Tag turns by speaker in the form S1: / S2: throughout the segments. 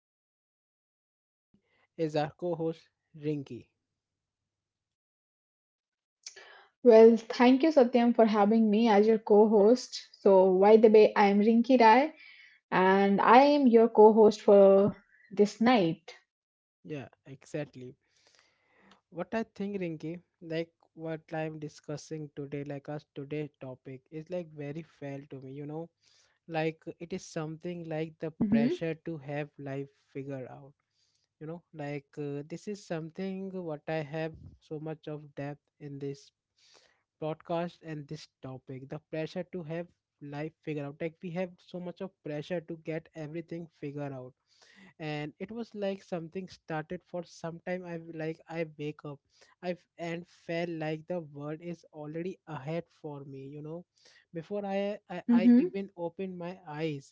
S1: Satyam, and with me is our co-host Rinki.
S2: Well, thank you, Satyam, for having me as your co host. So, by the way, I am Rinki Rai and I am your co host for this night.
S1: Yeah, exactly. What I think, Rinki, like what I'm discussing today, like us today's topic is like very fair to me, you know? Like it is something like the
S2: Mm-hmm.
S1: pressure to have life figured out, you know, like this is something what I have so much of depth in this podcast. And this topic, the pressure to have life figure out, like we have so much of pressure to get everything figured out. And it was like something started for some time. I like I wake up, I've and felt like the world is already ahead for me, you know, before I
S2: Mm-hmm.
S1: even open my eyes.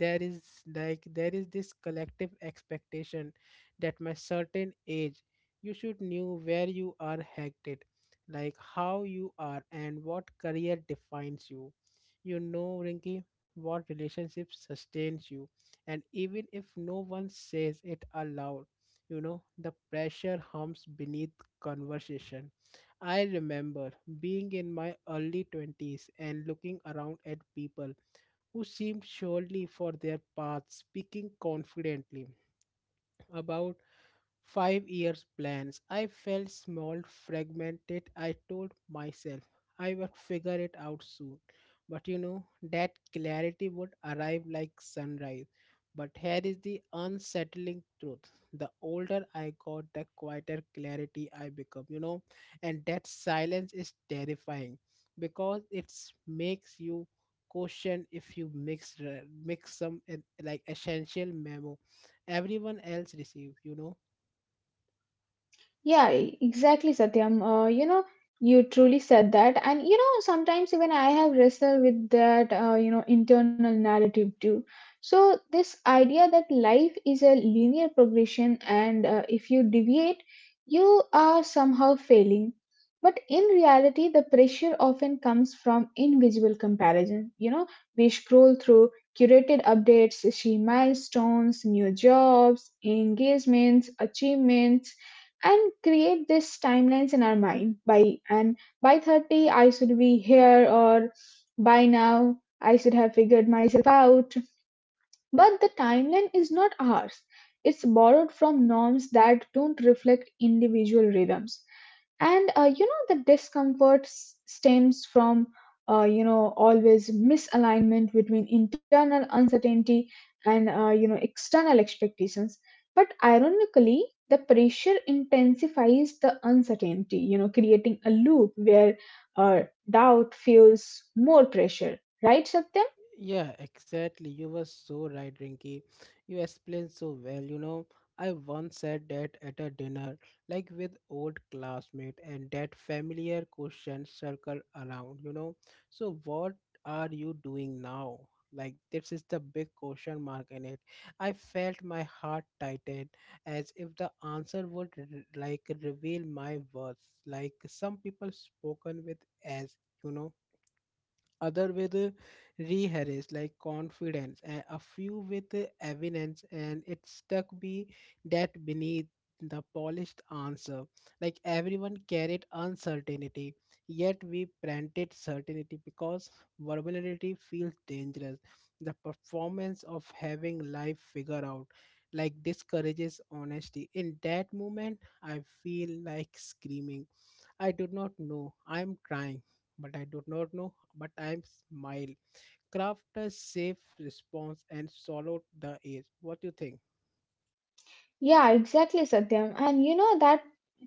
S1: There is like there is this collective expectation that my certain age you should know where you are headed, like how you are and what career defines you, you know, Rinky, what relationship sustains you. And even if no one says it aloud, you know the pressure hums beneath conversation. I remember being in my early 20s and looking around at people who seemed surely for their path, speaking confidently about 5 years plans. I felt small, fragmented. I told myself I would figure it out soon. But you know, that clarity would arrive like sunrise. But here is the unsettling truth. The older I got, the quieter clarity I become, you know, and that silence is terrifying, because it makes you question if you mix mix some like essential memo everyone else receives, you know.
S2: Yeah, exactly, Satyam. You know, you truly said that. And, you know, sometimes even I have wrestled with that, you know, internal narrative too. So, this idea that life is a linear progression, and if you deviate, you are somehow failing. But in reality, the pressure often comes from invisible comparison. You know, we scroll through curated updates, see milestones, new jobs, engagements, achievements, and create these timelines in our mind. By and by 30 I should be here, or by now I should have figured myself out. But the timeline is not ours. It's borrowed from norms that don't reflect individual rhythms. And you know, the discomfort stems from, you know, always misalignment between internal uncertainty and, you know, external expectations. But ironically, the pressure intensifies the uncertainty, you know, creating a loop where uh, doubt feels more pressure. Right, Satya?
S1: Yeah, exactly. You were so right, Rinky. You explained so well. You know, I once said that at a dinner, like with old classmate, and that familiar question circle around. You know, so what are you doing now? Like this is the big question mark in it. I felt my heart tighten as if the answer would like reveal my worth. Like some people spoken with, as you know, other with rehearse like confidence, and a few with evidence, and it stuck me that beneath the polished answer. Like everyone carried uncertainty, yet we planted certainty because vulnerability feels dangerous. The performance of having life figure out like discourages honesty. In that moment, I feel like screaming, I do not know. I am trying, but I do not know. But I am smile. Craft a safe response and swallow the air. What do you think?
S2: Yeah, exactly, Satyam. And you know that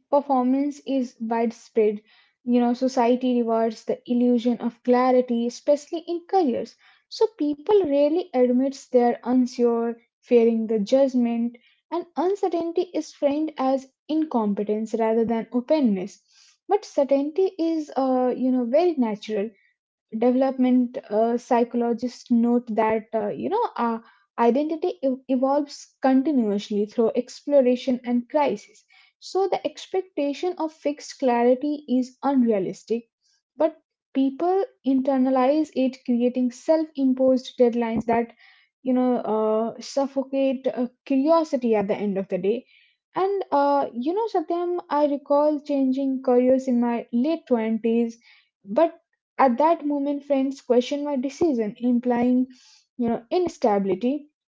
S2: performance is widespread. You know, society rewards the illusion of clarity, especially in careers. So people rarely admits they're unsure, fearing the judgment, and uncertainty is framed as incompetence rather than openness. But certainty is, you know, very natural development. Psychologists note that you know, our identity evolves continuously through exploration and crisis. So the expectation of fixed clarity is unrealistic, but people internalize it, creating self-imposed deadlines that, you know, suffocate curiosity at the end of the day. And you know, Satyam, I recall changing careers in my late 20s. But at that moment, friends questioned my decision, implying, you know, instability.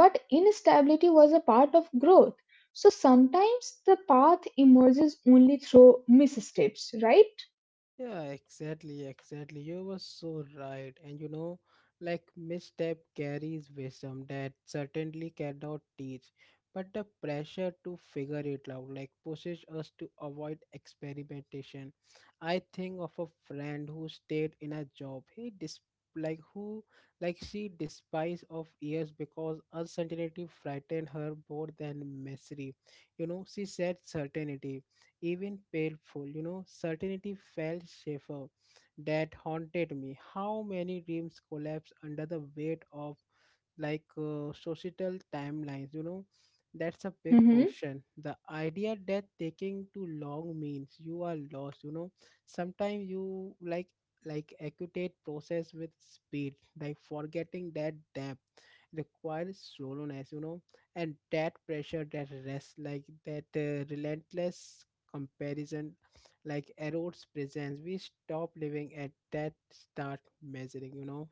S2: But instability was a part of growth. So sometimes the path emerges only through missteps, right?
S1: Yeah, exactly, exactly. You were so right. And you know, like misstep carries wisdom that certainly cannot teach. But the pressure to figure it out, like, pushes us to avoid experimentation. I think of a friend who stayed in a job. He dis like who like she despised of years because uncertainty frightened her more than misery. You know, she said certainty, even painful, you know, certainty felt safer. That haunted me. How many dreams collapse under the weight of like societal timelines, you know? That's a big
S2: Mm-hmm.
S1: question, the idea that taking too long means you are lost, you know. Sometimes you like equate process with speed, like forgetting that depth requires slowness, you know. And that pressure, that rest, like that relentless comparison, like erodes presence. We stop living at that start measuring, you know.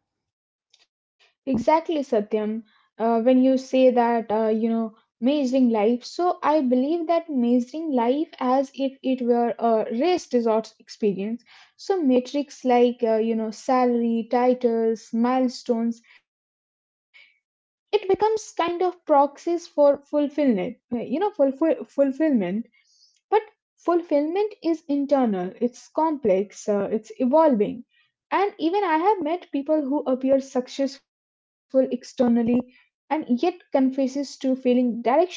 S2: Exactly, Satyam. When you say that, you know, measuring life, so I believe that measuring life as if it were a race resort experience. So metrics like, you know, salary, titles, milestones, it becomes kind of proxies for fulfillment. You know, fulfillment, but fulfillment is internal. It's complex, it's evolving. And even I have met people who appear successful externally and yet confesses to feeling directionless.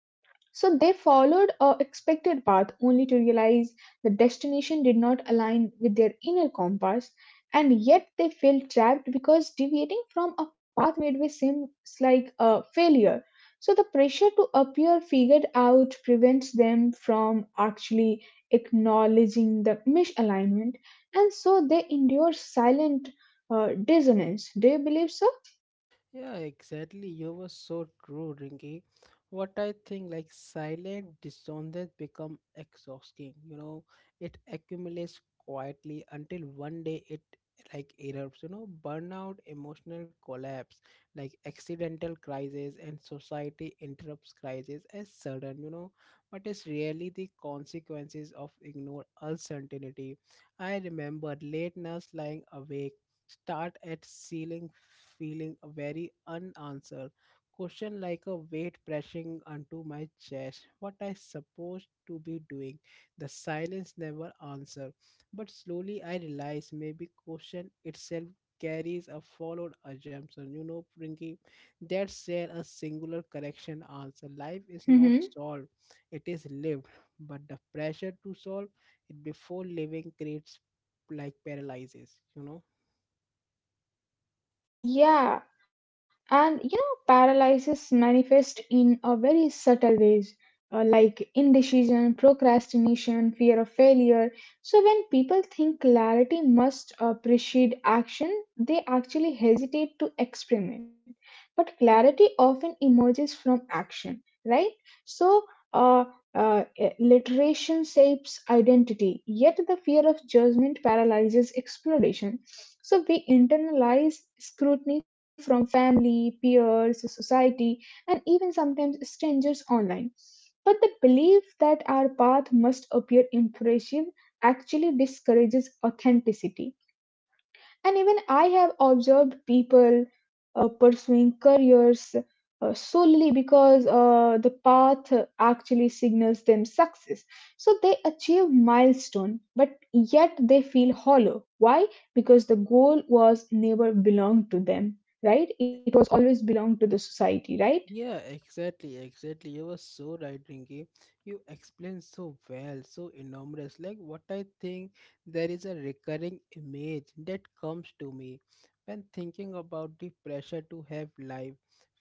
S2: So they followed a expected path only to realize the destination did not align with their inner compass. And yet they felt trapped because deviating from a path midway seems like a failure. So the pressure to appear figured out prevents them from actually acknowledging the misalignment, and so they endure silent dissonance. Do you believe so?
S1: Yeah, exactly. You were so true, Ringy. What I think, like silent dissonance become exhausting. You know, it accumulates quietly until one day it like erupts. You know, burnout, emotional collapse, like accidental crisis, and society interrupts crisis as sudden. You know, but it's really the consequences of ignore uncertainty. I remember late nights lying awake, start at ceiling, feeling very unanswered. Question like a weight pressing onto my chest. What I supposed to be doing. The silence never answer. But slowly I realize maybe question itself carries a followed assumption. You know, Prinky, that share a singular correction answer. Life is not solved, it is lived. But the pressure to solve it before living creates like paralyzes, you know.
S2: Yeah, and you know, paralysis manifests in a very subtle ways, like indecision, procrastination, fear of failure. So when people think clarity must precede action, they actually hesitate to experiment. But clarity often emerges from action, right? So. Uh, literation shapes identity, yet the fear of judgment paralyzes exploration. So we internalize scrutiny from family, peers, society, and even sometimes strangers online. But the belief that our path must appear impressive actually discourages authenticity. And even I have observed people pursuing careers solely because the path actually signals them success. So they achieve milestone, but yet they feel hollow. Why? Because the goal was never belonged to them, right? It
S1: Y-
S2: was
S1: y-
S2: always belonged to the society, right?
S1: Yeah, exactly, exactly. You were so right, Rinki. You explained so well, so enormous. Like what I think, there is a recurring image that comes to me when thinking about the pressure to have life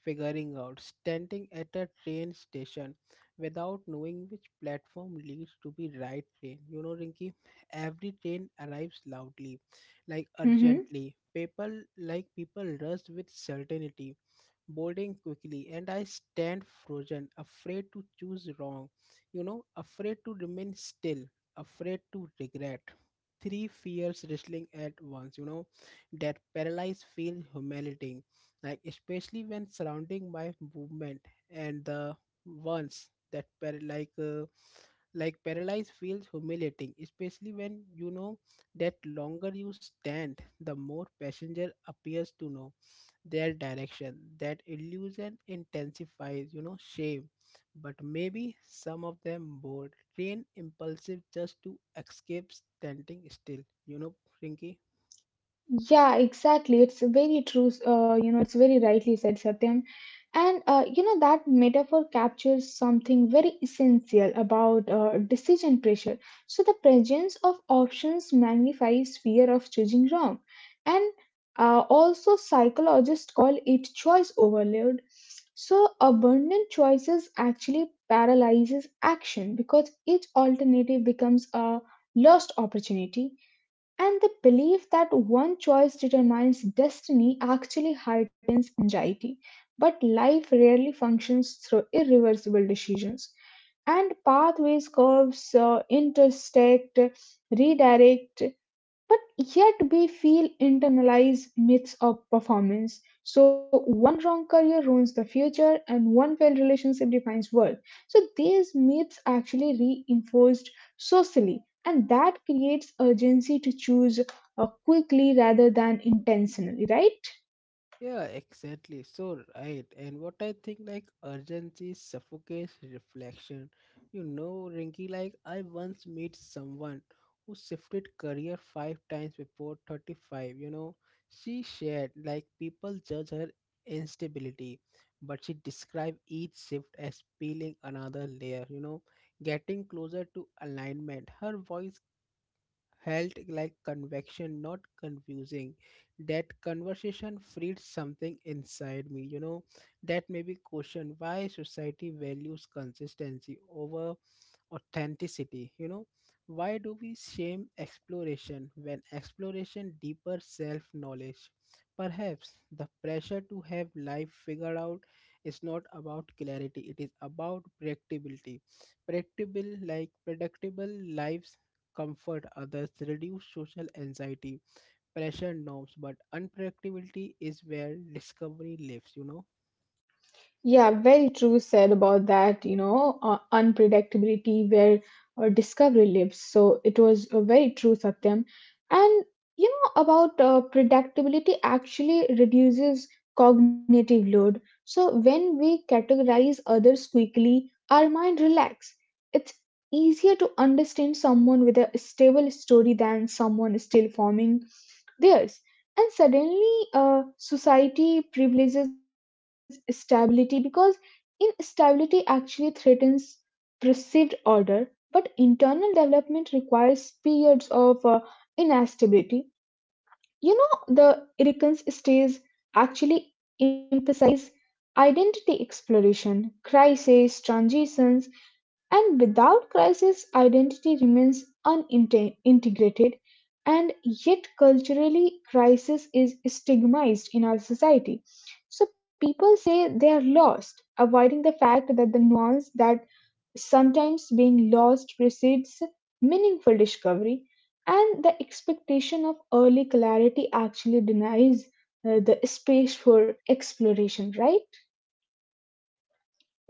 S1: figuring out, standing at a train station without knowing which platform leads to the right train. You know, Rinki, every train arrives loudly, like
S2: Mm-hmm.
S1: urgently. People rush with certainty, boarding quickly, and I stand frozen, afraid to choose wrong, you know, afraid to remain still, afraid to regret. Three fears wrestling at once, you know, that paralyzed feel humiliating, like especially when surrounding my movement. And the ones that like paralyzed feels humiliating, especially when you know that longer you stand, the more passenger appears to know their direction. That illusion intensifies, you know, shame. But maybe some of them bold, train impulsive just to escape standing still, you know, Rinky.
S2: Yeah, exactly. It's very true. You know, it's very rightly said, Satyam. And you know, that metaphor captures something very essential about decision pressure. So the presence of options magnifies fear of choosing wrong, and also psychologists call it choice overload. So abundant choices actually paralyzes action because each alternative becomes a lost opportunity, and the belief that one choice determines destiny actually heightens anxiety. But life rarely functions through irreversible decisions. And pathways, curves, intersect, redirect, but yet we feel internalized myths of performance. So one wrong career ruins the future and one failed relationship defines worth. So these myths actually reinforced socially, and that creates urgency to choose quickly rather than intentionally, right?
S1: Yeah, exactly. So right. And what I think, like urgency suffocates reflection. You know, Rinky, like I once met someone who shifted career 5 times before 35. You know, she shared like people judge her instability, but she described each shift as peeling another layer, you know, getting closer to alignment. Her voice held like convection, not confusing. That conversation freed something inside me, you know, that maybe question why society values consistency over authenticity, you know. Why do we shame exploration when exploration deeper self knowledge? Perhaps the pressure to have life figured out is not about clarity, it is about predictability. Predictable like predictable lives comfort others, reduce social anxiety, pressure norms, but unpredictability is where discovery lives, you know.
S2: Yeah, very true said about that, you know, unpredictability where discovery lives. So it was a very true, Satyam. And, you know, about predictability actually reduces cognitive load. So when we categorize others quickly, our mind relax. It's easier to understand someone with a stable story than someone still forming theirs. And suddenly, society privileges stability because instability actually threatens perceived order, but internal development requires periods of instability. You know, the Irkans stays actually emphasize identity exploration, crisis, transitions, and without crisis, identity remains unintegrated, and yet culturally, crisis is stigmatized in our society. So people say they are lost, avoiding the fact that the nuance that sometimes being lost precedes meaningful discovery, and the expectation of early clarity actually denies the space for exploration, right?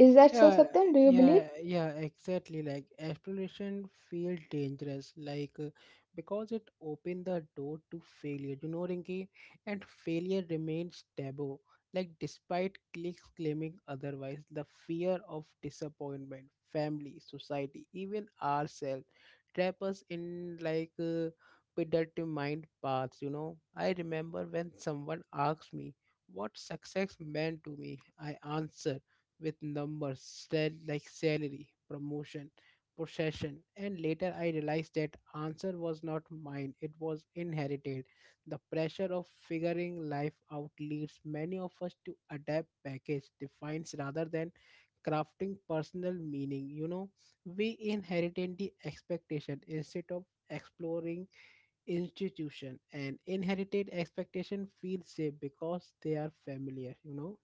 S2: Is that so,
S1: Yeah,
S2: Satyam? Do you believe?
S1: yeah, yeah, exactly. Like exploration feel dangerous, like because it opened the door to failure. You know, Rinki, and failure remains taboo. Like despite cliques claiming otherwise, the fear of disappointment, family, society, even ourselves, trap us in like predetermined paths. You know, I remember when someone asked me what success meant to me, I answered with numbers, like salary, promotion, possession, and later I realized that answer was not mine, it was inherited. The pressure of figuring life out leads many of us to adapt package defines rather than crafting personal meaning. You know, we inherited the expectation instead of exploring institution, and inherited expectation feels safe because they are familiar, you know.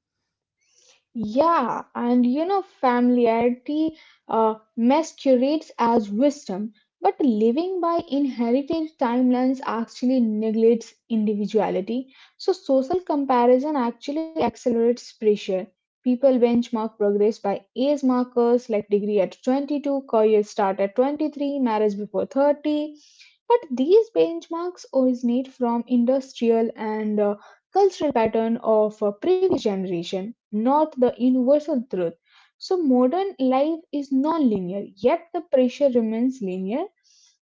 S2: Yeah, and you know, familiarity masquerades as wisdom, but living by inherited timelines actually neglects individuality. So, social comparison actually accelerates pressure. People benchmark progress by age markers like degree at 22, career start at 23, marriage before 30. But these benchmarks originate from industrial and cultural pattern of previous generation, not the universal truth. So, modern life is non linear, yet the pressure remains linear.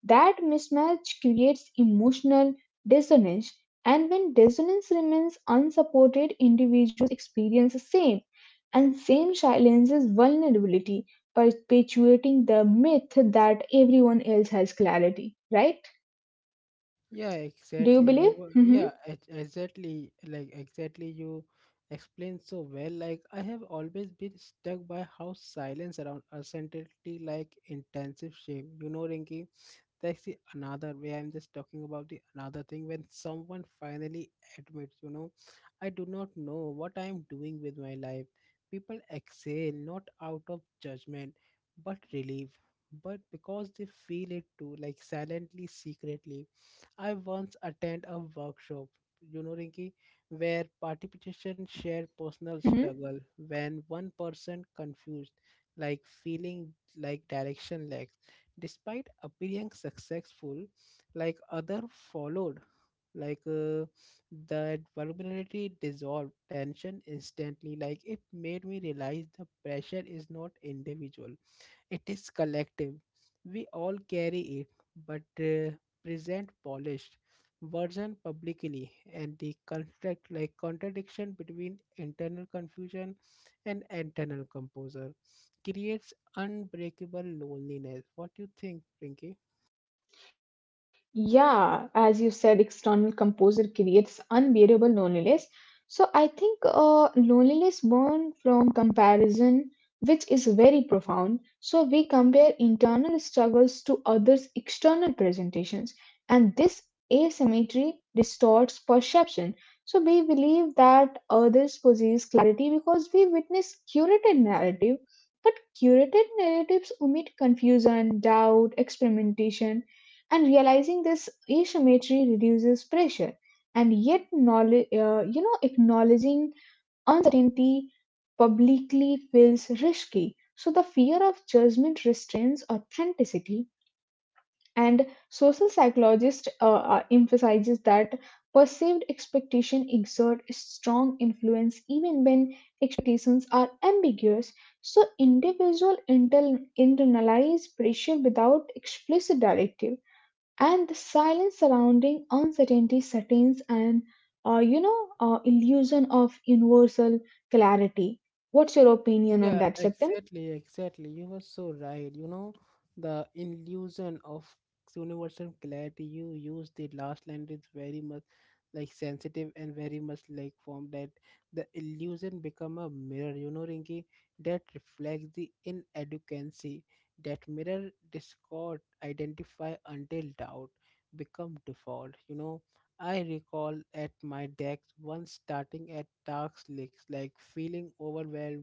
S2: That mismatch creates emotional dissonance, and when dissonance remains unsupported, individuals experience the same, and same silences vulnerability, perpetuating the myth that everyone else has clarity. Right?
S1: Yeah,
S2: Do you
S1: exactly.
S2: believe?
S1: You were,
S2: Hmm.
S1: yeah, exactly. Like, exactly. You explained so well. Like, I have always been stuck by how silence around uncertainty, like intensive shame. You know, Rinky, that's the another way. I'm just talking about the another thing when someone finally admits, you know, I do not know what I'm doing with my life. People exhale, not out of judgment, but relief, but because they feel it too, like silently, secretly. I once attend a workshop, you know, Rinki, where participants share personal struggle. When one person confused, like feeling like direction lacks, despite appearing successful, like other followed, like that vulnerability dissolved tension instantly. Like it made me realize the pressure is not individual, it is collective. We all carry it, but present polished version publicly, and the contract like contradiction between internal confusion and internal composure creates unbreakable loneliness. What do you think, Rinky?
S2: Yeah, as you said, external composer creates unbearable loneliness. So I think loneliness born from comparison, which is very profound. So we compare internal struggles to others' external presentations, and this asymmetry distorts perception. So we believe that others possess clarity because we witness curated narrative, but curated narratives omit confusion, doubt, experimentation, and realizing this asymmetry reduces pressure. And yet knowledge, you know, acknowledging uncertainty publicly feels risky, so the fear of judgment restrains authenticity. And social psychologist emphasizes that perceived expectation exert a strong influence even when expectations are ambiguous. So individual internalize pressure without explicit directive, and the silence surrounding uncertainty sustains an you know, illusion of universal clarity. What's your opinion
S1: Yeah,
S2: on that, Satyam?
S1: exactly, exactly. You were so right. You know, the illusion of universal clarity you used the last line is very much like sensitive and very much like form that the illusion become a mirror, you know, Rinki, that reflects the inadequacy. That mirror discord identify until doubt become default, you know. I recall at my desk once starting at dark lakes, like feeling overwhelmed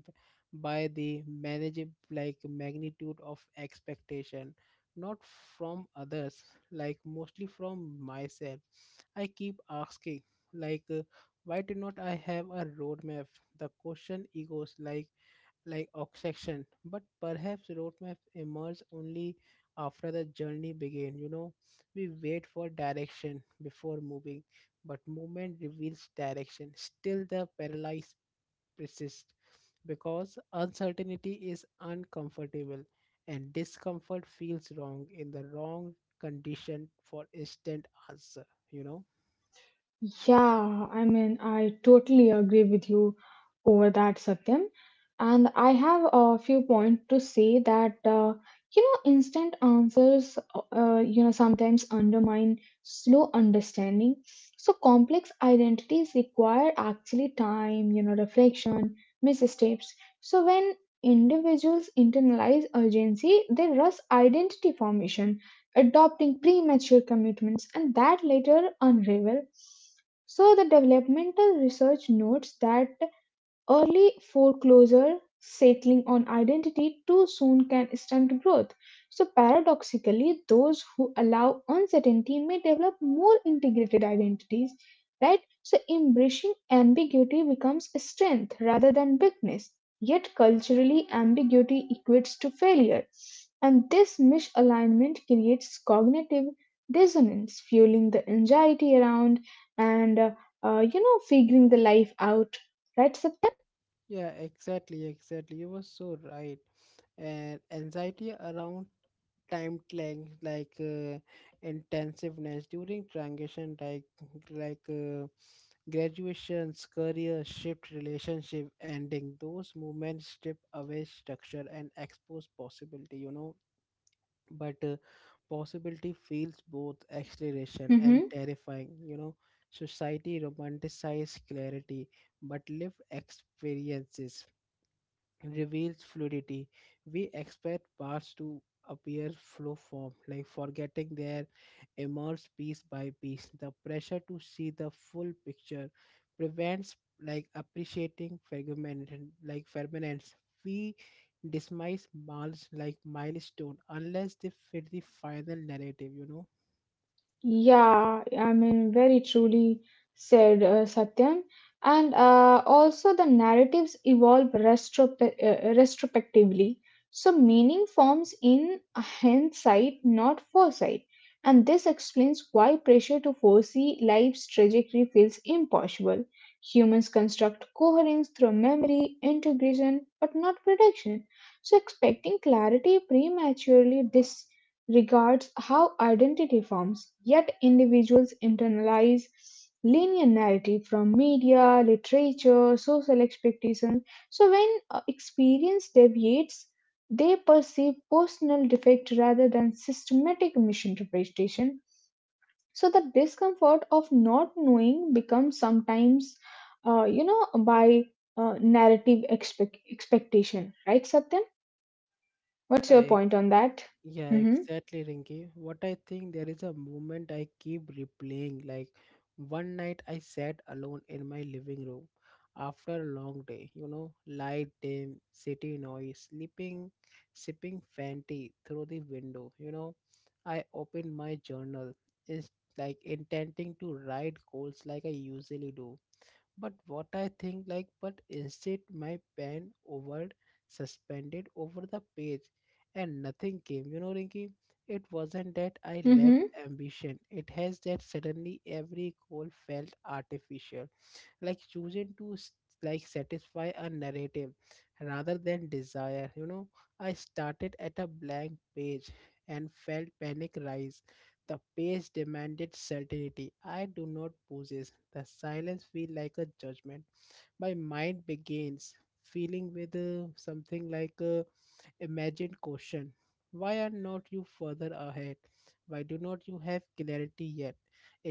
S1: by the manageable like magnitude of expectation, not from others, like mostly from myself. I keep asking, like why did not I have a roadmap. The question echoes like obsession. But perhaps roadmaps emerge only after the journey begin, you know. We wait for direction before moving, but movement reveals direction. Still the paralyzed persist, because uncertainty is uncomfortable, and discomfort feels wrong in the wrong condition for instant answer, you know.
S2: Yeah, I mean, I totally agree with you over that, Satyam. And I have a few points to say that, you know, instant answers, you know, sometimes undermine slow understanding. So complex identities require actually time, you know, reflection missteps. So, when individuals internalize urgency, they rush identity formation, adopting premature commitments, and that later unravel. So, the developmental research notes that early foreclosure settling on identity too soon can stunt growth. So, paradoxically, those who allow uncertainty may develop more integrated identities, right? So, embracing ambiguity becomes a strength rather than weakness. Yet, culturally, ambiguity equates to failure. And this misalignment creates cognitive dissonance, fueling the anxiety around and, you know, figuring the life out, right? So.
S1: Yeah, exactly, exactly. You were so right. And anxiety around time length, like intensiveness during transition, like graduations, career shift, relationship ending, those movements strip away structure and expose possibility, you know. But possibility feels both exhilaration and
S2: Mm-hmm.
S1: terrifying, you know. Society romanticizes clarity, but lived experiences reveals fluidity. We expect parts to appear flow form, like forgetting their emerge piece by piece. The pressure to see the full picture prevents like appreciating fragment like permanence. We dismiss milestone unless they fit the final narrative, you know.
S2: Yeah, I mean, very truly said, Satyam. And also, the narratives evolve retrospectively. So, meaning forms in hindsight, not foresight. And this explains why pressure to foresee life's trajectory feels impossible. Humans construct coherence through memory, integration, but not prediction. So, expecting clarity prematurely regards how identity forms, yet individuals internalize linear narrative from media, literature, social expectations. So when experience deviates, they perceive personal defect rather than systematic misinterpretation. So the discomfort of not knowing becomes sometimes, you know, by narrative expectation, right, Satyam? What's your
S1: Yeah,
S2: point on that?
S1: yeah,
S2: Mm-hmm.
S1: exactly, Rinki. What I think, there is a moment I keep replaying. Like one night I sat alone in my living room after a long day, you know, light dim, city noise, sleeping, sipping Fenty through the window, you know. I opened my journal, is like intending to write goals like I usually do. But what I think like, but instead my pen over suspended over the page and nothing came. You know, Rinky, it wasn't that I lacked
S2: Mm-hmm.
S1: ambition. It has that suddenly every goal felt artificial, like choosing to like satisfy a narrative rather than desire, you know. I started at a blank page and felt panic rise. The page demanded certainty I do not possess. The silence feel like a judgment. My mind begins feeling with something like imagined question: why are not you further ahead, why do not you have clarity yet.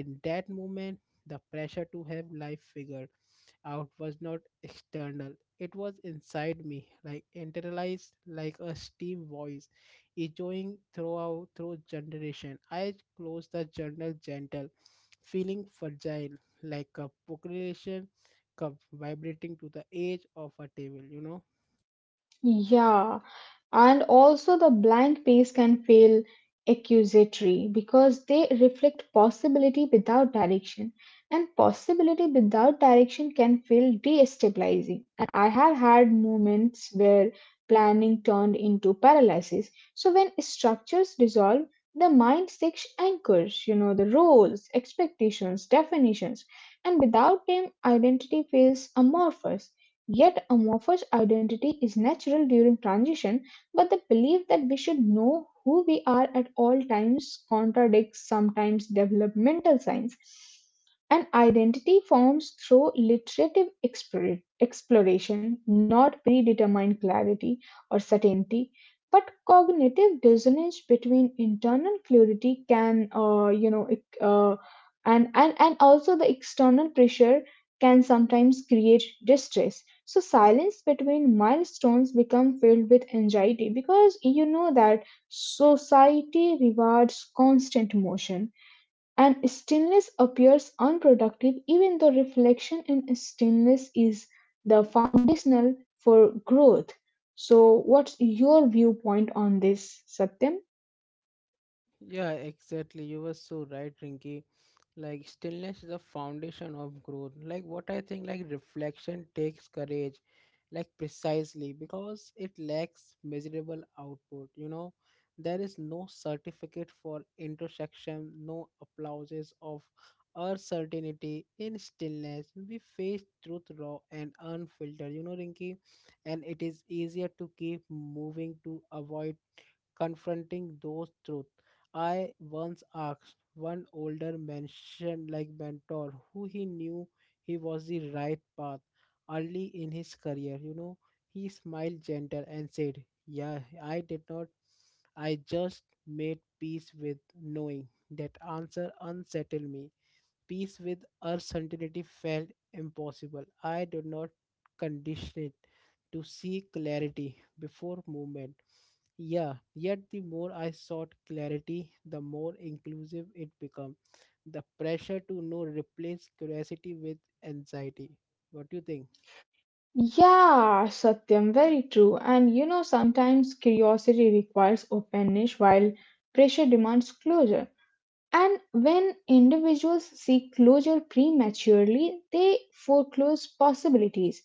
S1: In that moment, the pressure to have life figured out was not external. It was inside me, like internalized like a steam voice echoing throughout through generation. I closed the journal gentle, feeling fragile, like a population cup vibrating to the edge of a table, you know.
S2: Yeah. And also the blank page can feel accusatory because they reflect possibility without direction, and possibility without direction can feel destabilizing. And I have had moments where planning turned into paralysis. So when structures dissolve, the mind seeks anchors, you know, the roles, expectations, definitions, and without them identity feels amorphous. Yet amorphous identity is natural during transition, but the belief that we should know who we are at all times contradicts sometimes developmental science. An identity forms through literative exploration, not predetermined clarity or certainty. But cognitive dissonance between internal clarity can, and also the external pressure can sometimes create distress. So silence between milestones become filled with anxiety because you know that society rewards constant motion, and stillness appears unproductive even though reflection in stillness is the foundational for growth. So what's your viewpoint on this, Satyam?
S1: Yeah, exactly. You were so right, Rinky. Like stillness is the foundation of growth. Like reflection takes courage, like precisely because it lacks measurable output. You know, there is no certificate for introspection, no applauses of our certainty in stillness. We face truth raw and unfiltered. You know, Rinky, and it is easier to keep moving to avoid confronting those truths. I once asked one older mentioned like mentor who he knew he was the right path early in his career. You know, he smiled gentle and said, Yeah, I did not. I just made peace with knowing that answer unsettled me. Peace with uncertainty felt impossible. I did not condition it to seek clarity before movement. Yeah, yet the more I sought clarity, the more inclusive it became. The pressure to know replaced curiosity with anxiety. What do you think?
S2: Yeah, Satyam, very true. And you know, sometimes curiosity requires openness while pressure demands closure. And when individuals seek closure prematurely, they foreclose possibilities.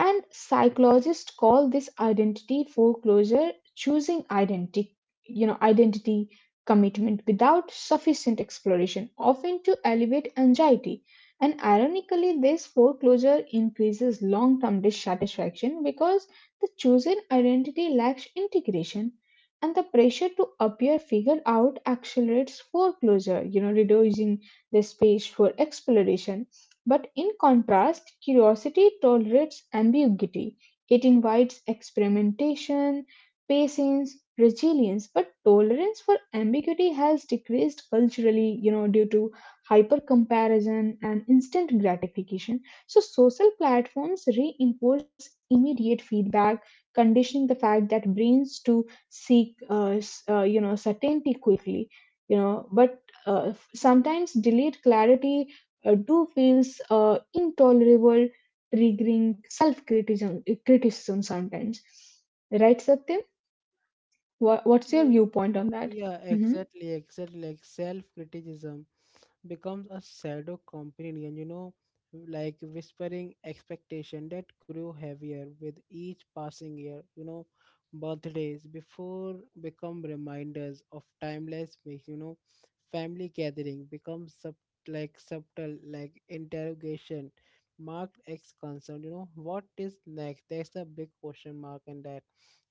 S2: And psychologists call this identity foreclosure, choosing identity, you know, identity commitment without sufficient exploration, often to alleviate anxiety. And ironically, this foreclosure increases long term dissatisfaction because the chosen identity lacks integration. And the pressure to appear figured out accelerates foreclosure, reducing the space for exploration, but in contrast, curiosity tolerates ambiguity. It invites experimentation, patience, resilience, but tolerance for ambiguity has decreased culturally, due to hyper comparison and instant gratification. So, social platforms reinforce immediate feedback, conditioning the fact that brains to seek, certainty quickly. But uh, sometimes delayed clarity do feels intolerable, triggering self-criticism criticism sometimes. Right, Satyam? What's your viewpoint on that?
S1: Yeah,
S2: Mm-hmm.
S1: exactly, exactly. Like self-criticism becomes a shadow companion, you know, like whispering expectation that grew heavier with each passing year. You know, birthdays before become reminders of timeless make, you know, family gathering becomes sub like subtle like interrogation marked X concern, you know, what is next? That's a big question mark in that.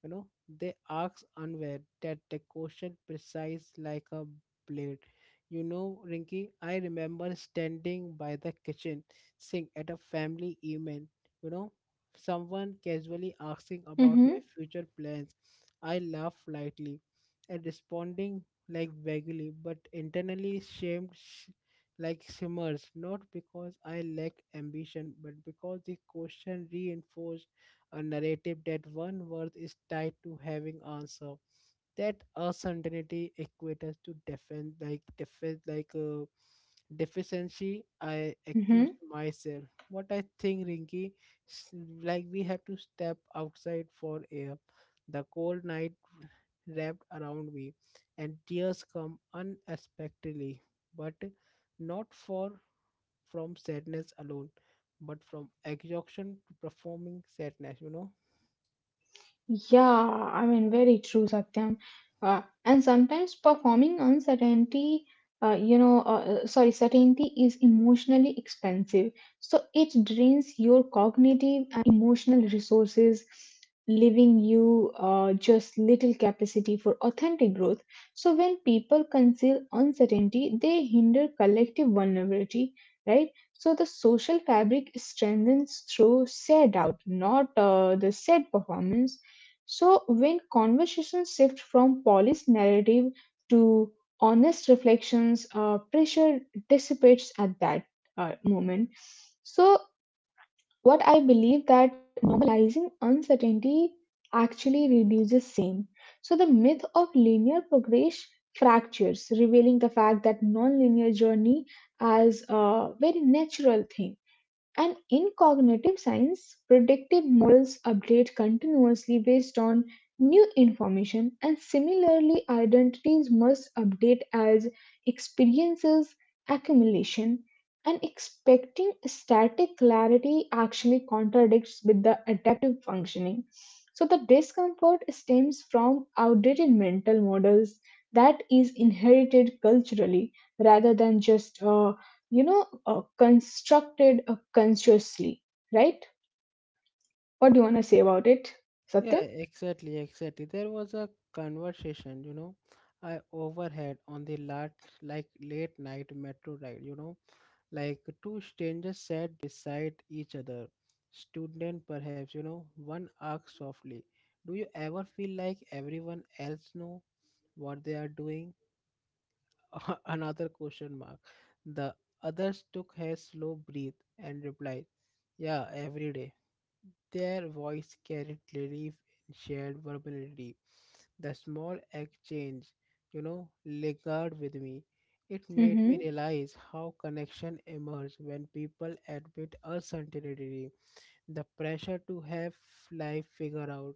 S1: You know, they asked unaware that the question precise like a blade. You know, Rinky, I remember standing by the kitchen sink at a family event, you know, someone casually asking about
S2: Mm-hmm.
S1: my future plans. I laughed lightly and responding like vaguely, but internally shamed like shimmers, not because I lack ambition, but because the question reinforced a narrative that one worth is tied to having answer. That uncertainty equates to defend like deficiency. I accused
S2: Mm-hmm.
S1: myself. What I think, Rinky, s- like we have to step outside for air. The cold night wrapped around me, and tears come unexpectedly, but not for from sadness alone, but from exhaustion to performing sadness. You know.
S2: Yeah, I mean, very true, Satyam. And sometimes performing uncertainty, sorry, certainty is emotionally expensive. So it drains your cognitive and emotional resources, leaving you just little capacity for authentic growth. So when people conceal uncertainty, they hinder collective vulnerability, right? So the social fabric strengthens through shared doubt, not the shared performance. So, when conversations shift from polished narrative to honest reflections, pressure dissipates at that moment. So, what I believe that normalizing uncertainty actually reduces shame. So, the myth of linear progress fractures, revealing the fact that nonlinear journey as a very natural thing, and in cognitive science, predictive models update continuously based on new information, and similarly, identities must update as experiences accumulation. And expecting static clarity actually contradicts with the adaptive functioning. So, the discomfort stems from outdated mental models that is inherited culturally rather than just constructed consciously, right? What do you want to say about it,
S1: Yeah,
S2: Satyam?
S1: exactly, exactly. There was a conversation, you know, I overheard on the late, like late night metro ride, you know, like two strangers sat beside each other. Student perhaps, you know, one asked softly, do you ever feel like everyone else know what they are doing? Another question mark. The others took a slow breath and replied, yeah, every day. Their voice carried relief in shared vulnerability. The small exchange, you know, lingered with me. It made me
S2: Mm-hmm.
S1: realize how connection emerges when people admit uncertainty. The pressure to have life figured out,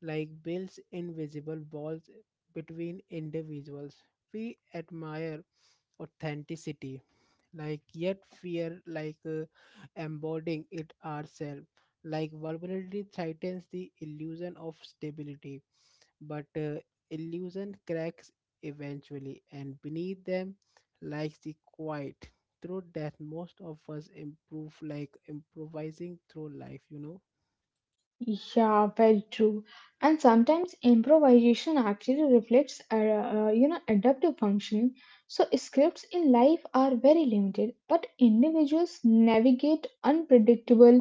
S1: like builds invisible walls between individuals. We admire authenticity, like yet fear like embodying it ourselves, like vulnerability threatens the illusion of stability, but illusion cracks eventually, and beneath them lies the quiet through that most of us improve like improvising through life, you know.
S2: Yeah, very true. And sometimes improvisation actually reflects, adaptive function. So scripts in life are very limited, but individuals navigate unpredictable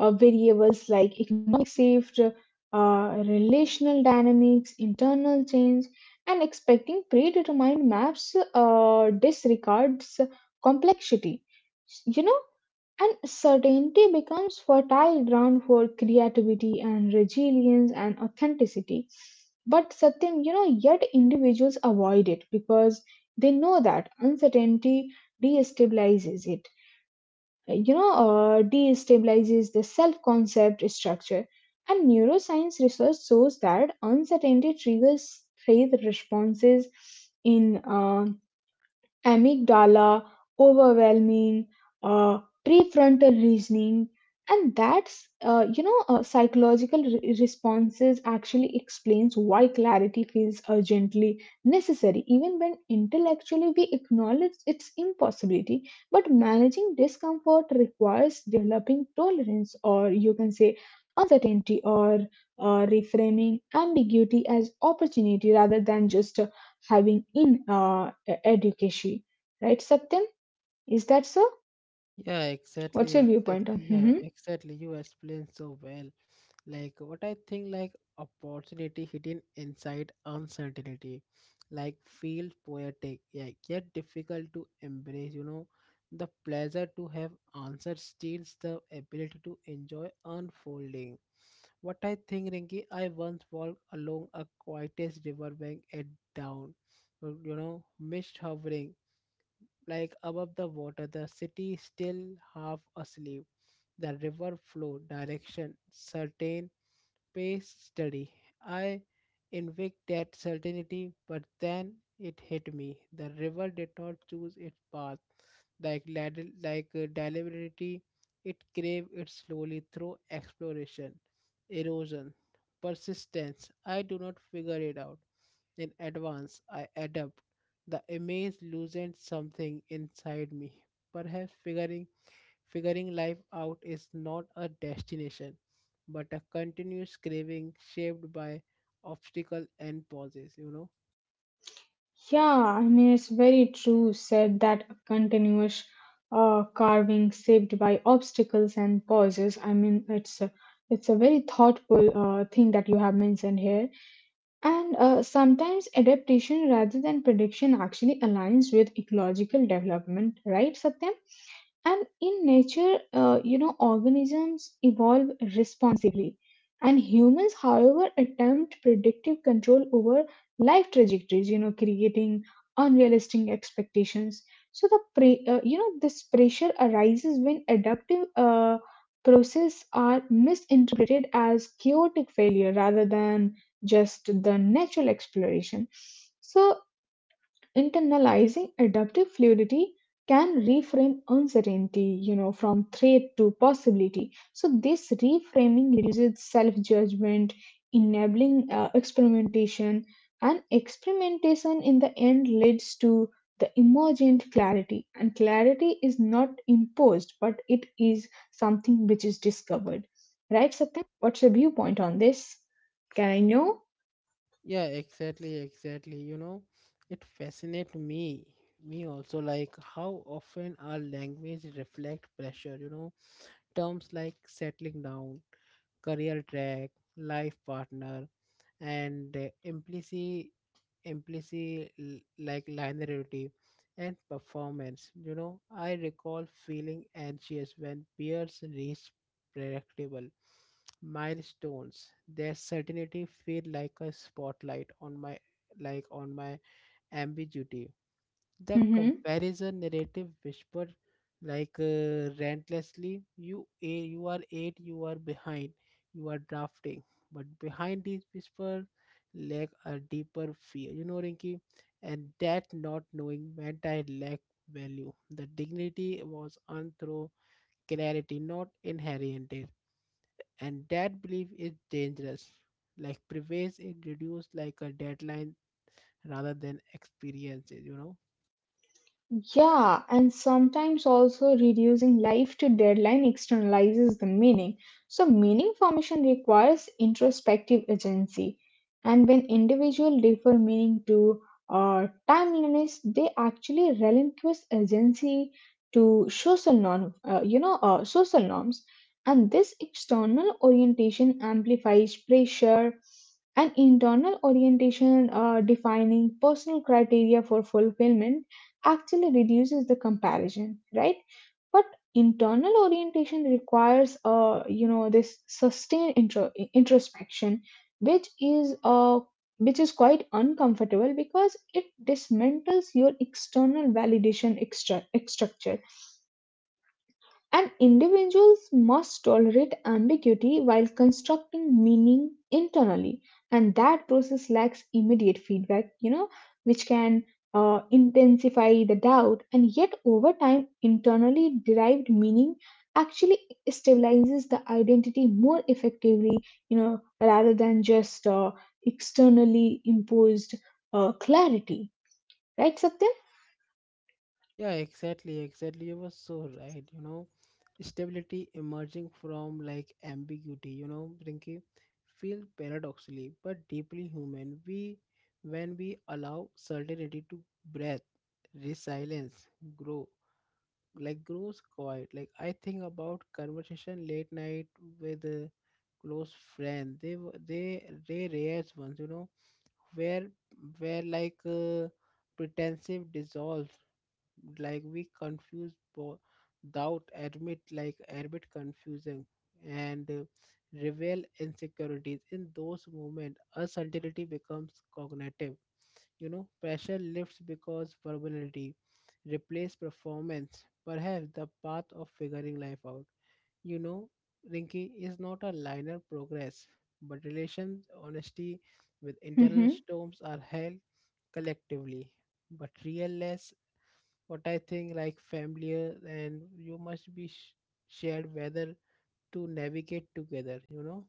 S2: variables like economic shift, relational dynamics, internal change, and expecting predetermined maps disregards complexity. You know, and certainty becomes fertile ground for creativity and resilience and authenticity. But Satyam, yet individuals avoid it because they know that uncertainty destabilizes it. Destabilizes the self-concept structure. And neuroscience research shows that uncertainty triggers faith responses in. Amygdala, overwhelming, uh, prefrontal reasoning, and that's psychological responses actually explains why clarity feels urgently necessary, even when intellectually we acknowledge its impossibility. But managing discomfort requires developing tolerance, or you can say uncertainty, or reframing ambiguity as opportunity rather than just having in education. Right, Satyam? Is that so?
S1: Yeah,
S2: What's your
S1: exactly,
S2: viewpoint
S1: exactly.
S2: on?
S1: Yeah, exactly. You explained so well. Like what I think, like opportunity hidden inside uncertainty. Like feels poetic, yeah, yet difficult to embrace, you know. The pleasure to have answered steals the ability to enjoy unfolding. What I think, Rinki, I once walked along a quietest riverbank at dawn. You know, mist hovering like above the water, the city still half asleep. The river flow, direction, certain pace study. I invoked that certainty, but then it hit me. The river did not choose its path. Like, deliberately, it craved it slowly through exploration, erosion, persistence. I do not figure it out. In advance, I adapt. The image loosened something inside me, perhaps figuring life out is not a destination, but a continuous craving shaped by obstacle and pauses, you know?
S2: Yeah, I mean, it's very true said that a continuous carving saved by obstacles and pauses. I mean, it's a very thoughtful thing that you have mentioned here. And sometimes adaptation rather than prediction actually aligns with ecological development, right, Satyam? And in nature, organisms evolve responsibly. And humans, however, attempt predictive control over life trajectories, creating unrealistic expectations. So the this pressure arises when adaptive processes are misinterpreted as chaotic failure rather than just the natural exploration. So internalizing adaptive fluidity can reframe uncertainty, from threat to possibility. So this reframing reduces self-judgment, enabling experimentation, and experimentation in the end leads to the emergent clarity, and clarity is not imposed, but it is something which is discovered. Right, Satyam? What's your viewpoint on this? Can I know?
S1: Yeah, exactly, exactly. You know, it fascinates me. Me also, like how often our language reflect pressure, you know, terms like settling down, career track, life partner, and implicit like linearity and performance. You know, I recall feeling anxious when peers reached predictable milestones. Their certainty feel like a spotlight on my like on my ambiguity. The
S2: Mhm.
S1: comparison narrative whispered like relentlessly, you are eight, you are behind, you are drafting. But behind these whispers lay a deeper fear. You know, Rinki, and that not knowing meant I lack value. The dignity was earned through clarity, not inherited. And that belief is dangerous. Like prevails, it reduced like a deadline rather than experiences. You know.
S2: Yeah, and sometimes also reducing life to deadline externalizes the meaning. So, meaning formation requires introspective agency. And when individuals defer meaning to timeliness, they actually relinquish agency to social norm, social norms. And this external orientation amplifies pressure, and internal orientation, defining personal criteria for fulfillment, actually reduces the comparison, right? But internal orientation requires, this sustained introspection, which is uh, which is quite uncomfortable because it dismantles your external validation structure, and individuals must tolerate ambiguity while constructing meaning internally. And that process lacks immediate feedback, which can intensify the doubt. And yet, over time, internally derived meaning actually stabilizes the identity more effectively, rather than just externally imposed clarity. Right, Satya?
S1: Yeah, exactly, exactly. You were so right. You know, stability emerging from like ambiguity, you know, Rinky, feel paradoxically but deeply human. When we allow certainty to breathe, resilience, grow, like grows quiet. Like I think about conversation late night with a close friend. They rare ones, you know, where, where like pretensive dissolves, like we doubt admit confusing and reveal insecurities. In those moments, uncertainty becomes cognitive, you know. Pressure lifts because vulnerability replace performance. Perhaps the path of figuring life out, you know, Rinky, is not a linear progress, but relations honesty with internal storms are held collectively, but real less. What I think, like familiar and you must be shared whether to navigate together, you know.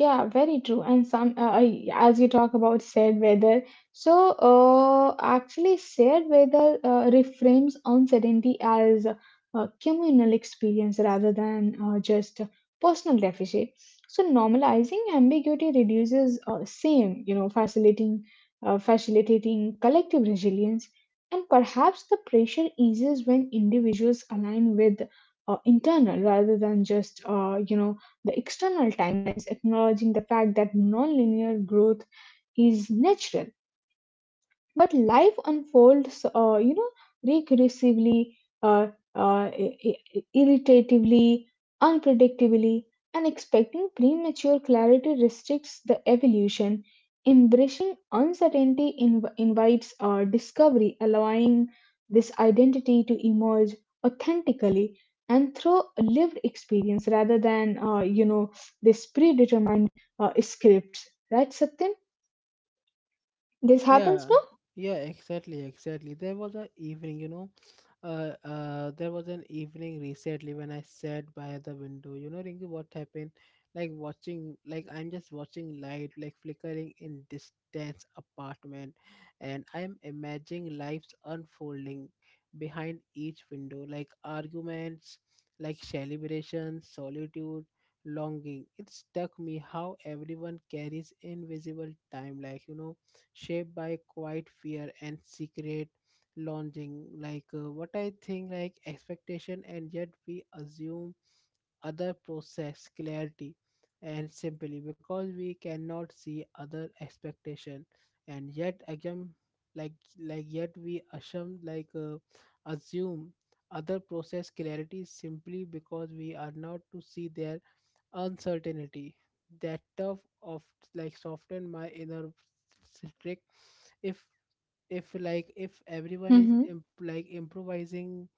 S2: Yeah, very true. As you talk about said weather, so actually, said weather reframes uncertainty as a communal experience rather than just a personal deficit. So normalizing ambiguity reduces same, facilitating facilitating collective resilience, and perhaps the pressure eases when individuals align with internal rather than just the external time, acknowledging the fact that nonlinear growth is natural. But life unfolds recursively, uh, irritatively, unpredictably, and expecting premature clarity restricts the evolution. Embracing uncertainty invites discovery, allowing this identity to emerge authentically and through lived experience rather than you know this predetermined scripts, right, satyam? This happens, no?
S1: Yeah, yeah, exactly, exactly. There was an evening, you know, there was an evening recently when I sat by the window. You know, Rinki, what happened? Like watching, like I'm just watching light, like flickering in distance apartment, and I'm imagining lives unfolding behind each window, like arguments, like celebrations, solitude, longing. It struck me how everyone carries invisible time, like you know, shaped by quiet fear and secret longing, like what I think like expectation, and yet we assume other process clarity, and simply because we cannot see other expectation. And yet again, like like yet we assume like assume other process clarity simply because we are not to see their uncertainty. That tough of like soften my inner strict. If if everyone is
S2: Mhm.
S1: improvising,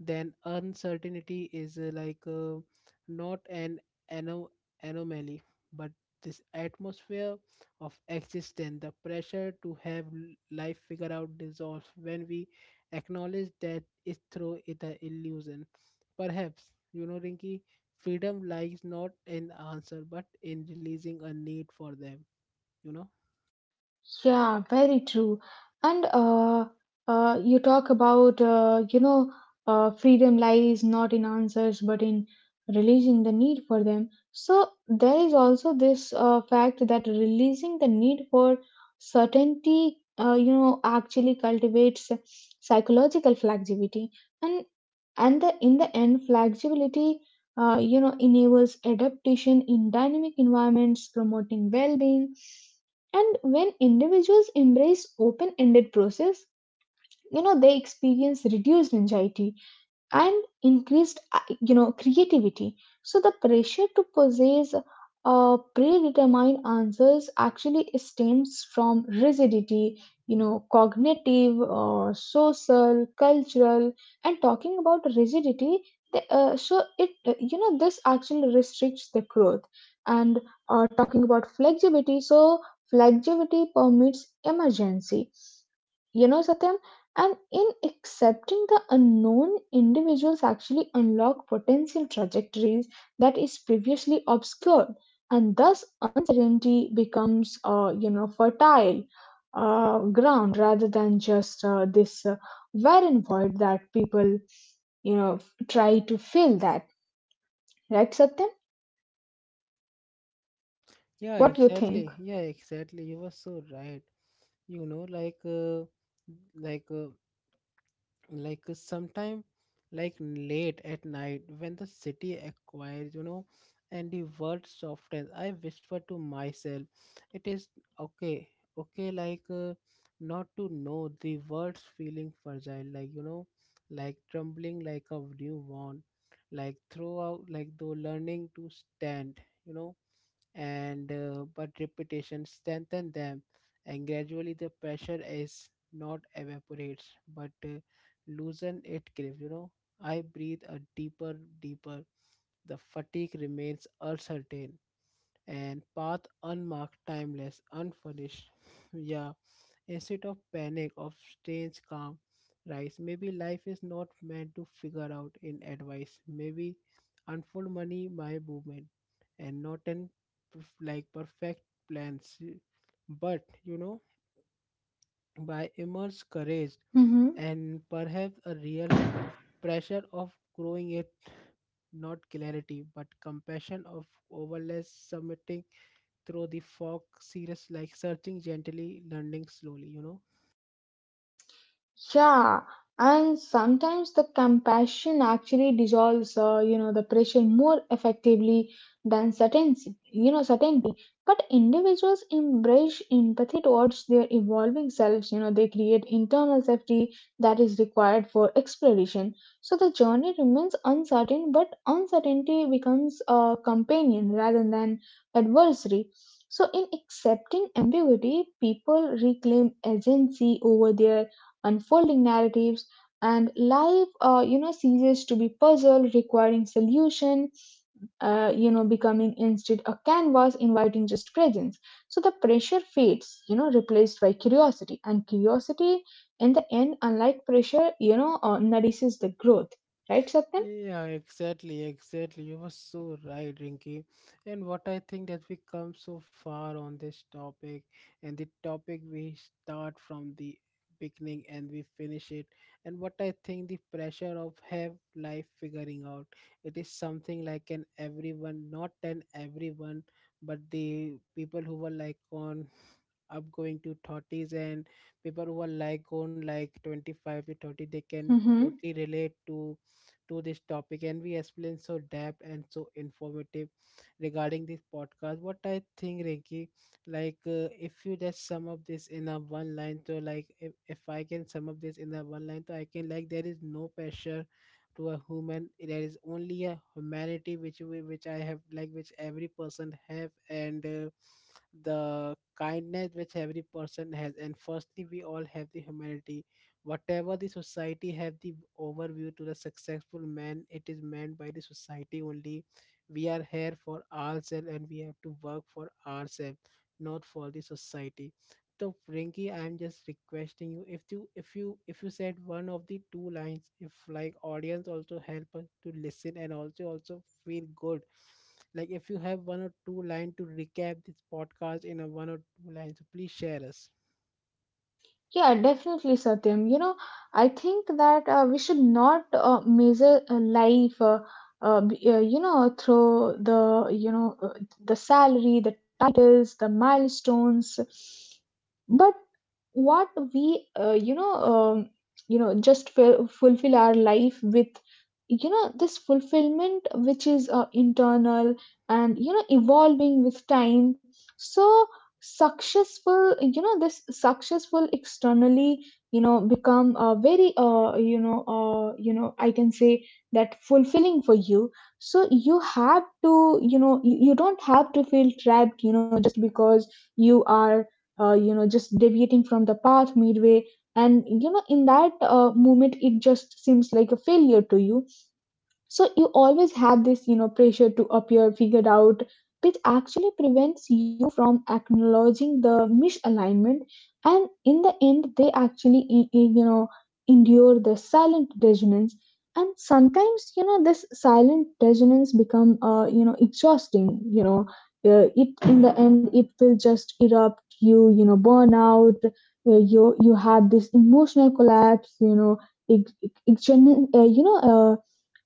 S1: then uncertainty is not an ano- anomaly, but this atmosphere of existence. The pressure to have life figured out dissolves when we acknowledge that it through it a illusion. Perhaps, you know, Rinky, freedom lies not in answer but in releasing a need for them, you know.
S2: Yeah, very true. And you talk about, freedom lies not in answers but in releasing the need for them. So there is also this fact that releasing the need for certainty, actually cultivates psychological flexibility. And the, in the end, flexibility, enables adaptation in dynamic environments, promoting well-being. And when individuals embrace open ended process, they experience reduced anxiety and increased creativity. So the pressure to possess predetermined answers actually stems from rigidity, cognitive, social, cultural. And talking about rigidity, so it this actually restricts the growth. And talking about flexibility, so flexibility permits emergency, satyam. And in accepting the unknown, individuals actually unlock potential trajectories that is previously obscured, and thus uncertainty becomes, fertile ground rather than just this barren void that people, try to fill. That right, Satyam?
S1: Yeah,
S2: What do you
S1: exactly,
S2: think?
S1: yeah, exactly, you were so right. You know, like like uh, sometime, like late at night when the city acquires, you know, and the world softens, I whisper to myself, it is okay, okay, like not to know. The world's feeling fragile, like, you know, like trembling like a newborn, like throughout like though learning to stand, you know. And but repetition strengthen them, and gradually the pressure is not evaporates but loosen its grip. You know, I breathe a deeper, deeper. The fatigue remains uncertain, and path unmarked, timeless, unfurnished. Yeah, instead of panic, of strange calm rise. Maybe life is not meant to figure out in advice. Maybe unfold money my movement, and not in perfect plans. But you know, by immense courage and perhaps a real pressure of growing it, not clarity, but compassion of overless submitting through the fog, serious like searching gently, learning slowly, you know.
S2: Yeah, and sometimes the compassion actually dissolves, the pressure more effectively than certainty. Certainty, but individuals embrace empathy towards their evolving selves, they create internal safety that is required for exploration. So the journey remains uncertain, but uncertainty becomes a companion rather than adversary. So in accepting ambiguity, people reclaim agency over their unfolding narratives, and life ceases to be puzzle requiring solution, becoming instead a canvas inviting just presence. So the pressure fades, replaced by curiosity, and curiosity in the end, unlike pressure, nourishes the growth, right, satyan?
S1: Yeah, exactly, exactly. You were so right, Rinky. And what I think that we come so far on this topic, and the topic we start from the beginning and we finish it. And what I think the pressure of have life figuring out, it is something like an everyone, not an everyone, but the people who were like on up going to 30s and people who are like on like 25 to 30 they can totally relate to this topic, and we explain so depth and so informative regarding this podcast. What I think, Rinki, like if you just sum up this in a one line, so like if I can sum up this in a one line, so I can like there is no pressure to a human, there is only a humanity which we which I have, like which every person have, and the kindness which every person has. And firstly, we all have the humanity. Whatever the society have the overview to the successful man, it is meant by the society only. We are here for ourselves and we have to work for ourselves, not for the society. So Rinki, I'm just requesting you, if you said one of the two lines, if like audience also help us to listen and also feel good. Like if you have one or two line to recap this podcast in a one or two lines, so please share us.
S2: Yeah, definitely, Satyam. I think that we should not measure life, through the salary, the titles, the milestones. But what we, just fulfill our life with, this fulfillment which is internal and, evolving with time. So successful you know this successful externally, become a very I can say that fulfilling for you. So you don't have to feel trapped, just because you are just deviating from the path midway, and in that moment it just seems like a failure to you. So you always have this, pressure to appear figured out, which actually prevents you from acknowledging the misalignment. And in the end, they actually, endure the silent resonance. And sometimes, this silent resonance become, exhausting. You know, it In the end, it will just erupt you. Burn out. You have this emotional collapse. You know, ex- ex- ex- you know.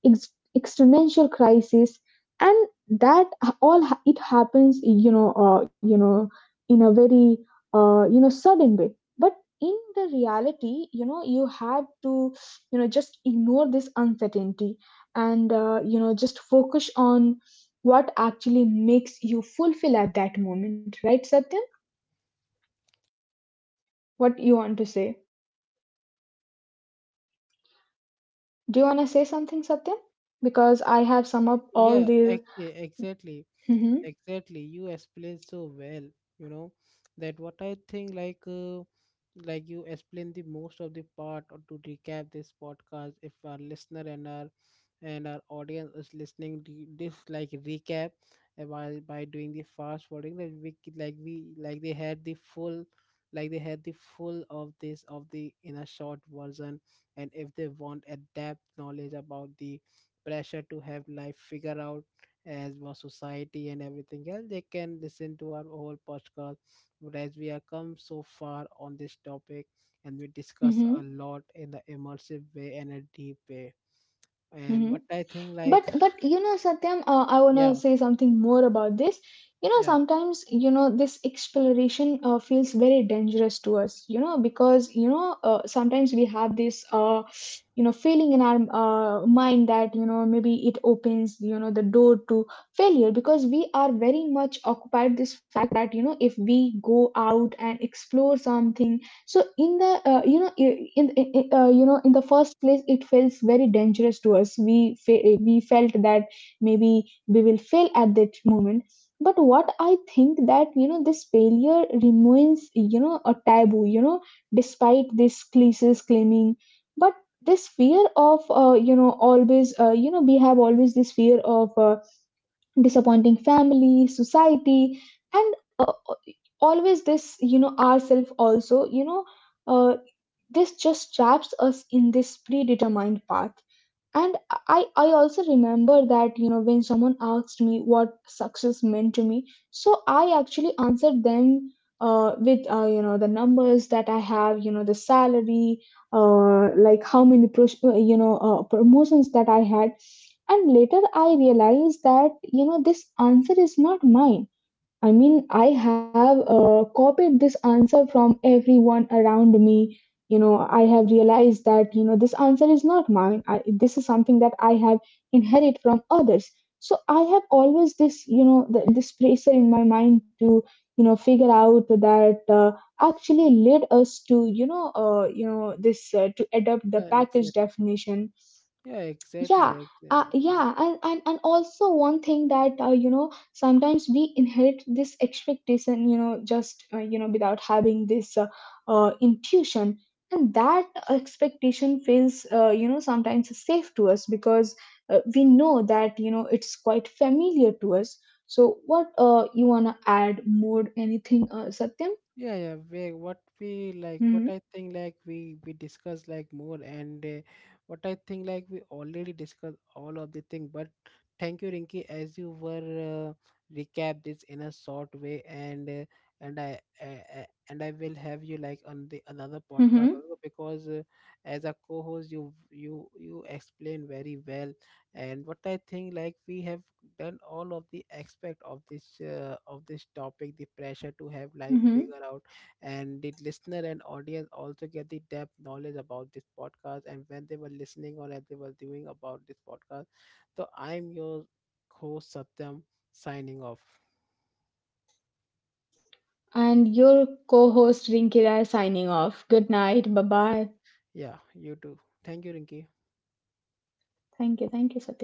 S2: Ex- Existential crisis, and that h- all ha- it happens, in a very sudden way. But in the reality, you have to, just ignore this uncertainty and just focus on what actually makes you fulfill at that moment, right, satyam? What you want to say? Do you want to say something, satyam? Because I have sum up all
S1: Yeah,
S2: these.
S1: yeah, exactly.
S2: Hmm.
S1: Exactly, you explained so well. You know, that what I think, like you explained the most of the part. Or to recap this podcast, if our listener and our audience is listening to this like recap, while by doing the fast forwarding, that we c- like we like they had the full, like they had the full of this of the in a short version. And if they want a depth knowledge about the pressure to have life figure out as more society and everything else, they can listen to our whole podcast. Whereas we have come so far on this topic and we discuss a
S2: Hmm.
S1: lot in the immersive way and a deep way. And
S2: Hmm.
S1: what I think, like,
S2: But you know satyam I want to
S1: yeah,
S2: say something more about this.
S1: yeah,
S2: Sometimes, this exploration feels very dangerous to us, because, sometimes we have this feeling in our mind that, maybe it opens, the door to failure, because we are very much occupied this fact that, if we go out and explore something, so in the you know in- you know in the first place it feels very dangerous to us. We felt that maybe we will fail at that moment. But what I think that, this failure remains, a taboo, despite this cliches claiming. But this fear of you know always you know we have always this fear of disappointing family, society, and uh, uh, uh, always this, ourself also, uh, this just traps us in this predetermined path. And i also remember that, when someone asked me what success meant to me, so I actually answered them with, the numbers that I have, the salary, like how many promotions that I had. And later I realized that, this answer is not mine. I mean, I have copied this answer from everyone around me. I have realized that, this answer is not mine. This is something that I have inherited from others. So I have always this, this pressure in my mind to, figure out that actually led us to, this to adopt the
S1: yeah,
S2: package
S1: exactly.
S2: definition.
S1: Yeah, exactly,
S2: yeah
S1: exactly.
S2: yeah. And, and also one thing that sometimes we inherit this expectation, just, without having this intuition, and that expectation feels, sometimes safe to us, because we know that, it's quite familiar to us. So what, you want to add more anything, satyam?
S1: Yeah, we, what
S2: Hmm.
S1: I think, like we discuss like more, and what I think, like we already discussed all of the thing. But thank you, Rinki, as you were recap this in a short way. And and i uh, and I will have you like on the another podcast
S2: Hmm.
S1: also, because as a co-host, you explain very well. And what I think, like we have then all of the aspect of this topic, the pressure to have life
S2: Hmm.
S1: figure out. And the listener and audience also get the depth knowledge about this podcast, and when they were listening or as they were doing about this podcast. So I'm your host Satyam, signing off.
S2: And your co-host rinkira is signing off. Good night. Bye
S1: Yeah,
S2: bye.
S1: yeah, you too. Thank you, Rinki.
S2: Thank you. Thank you, Satyam.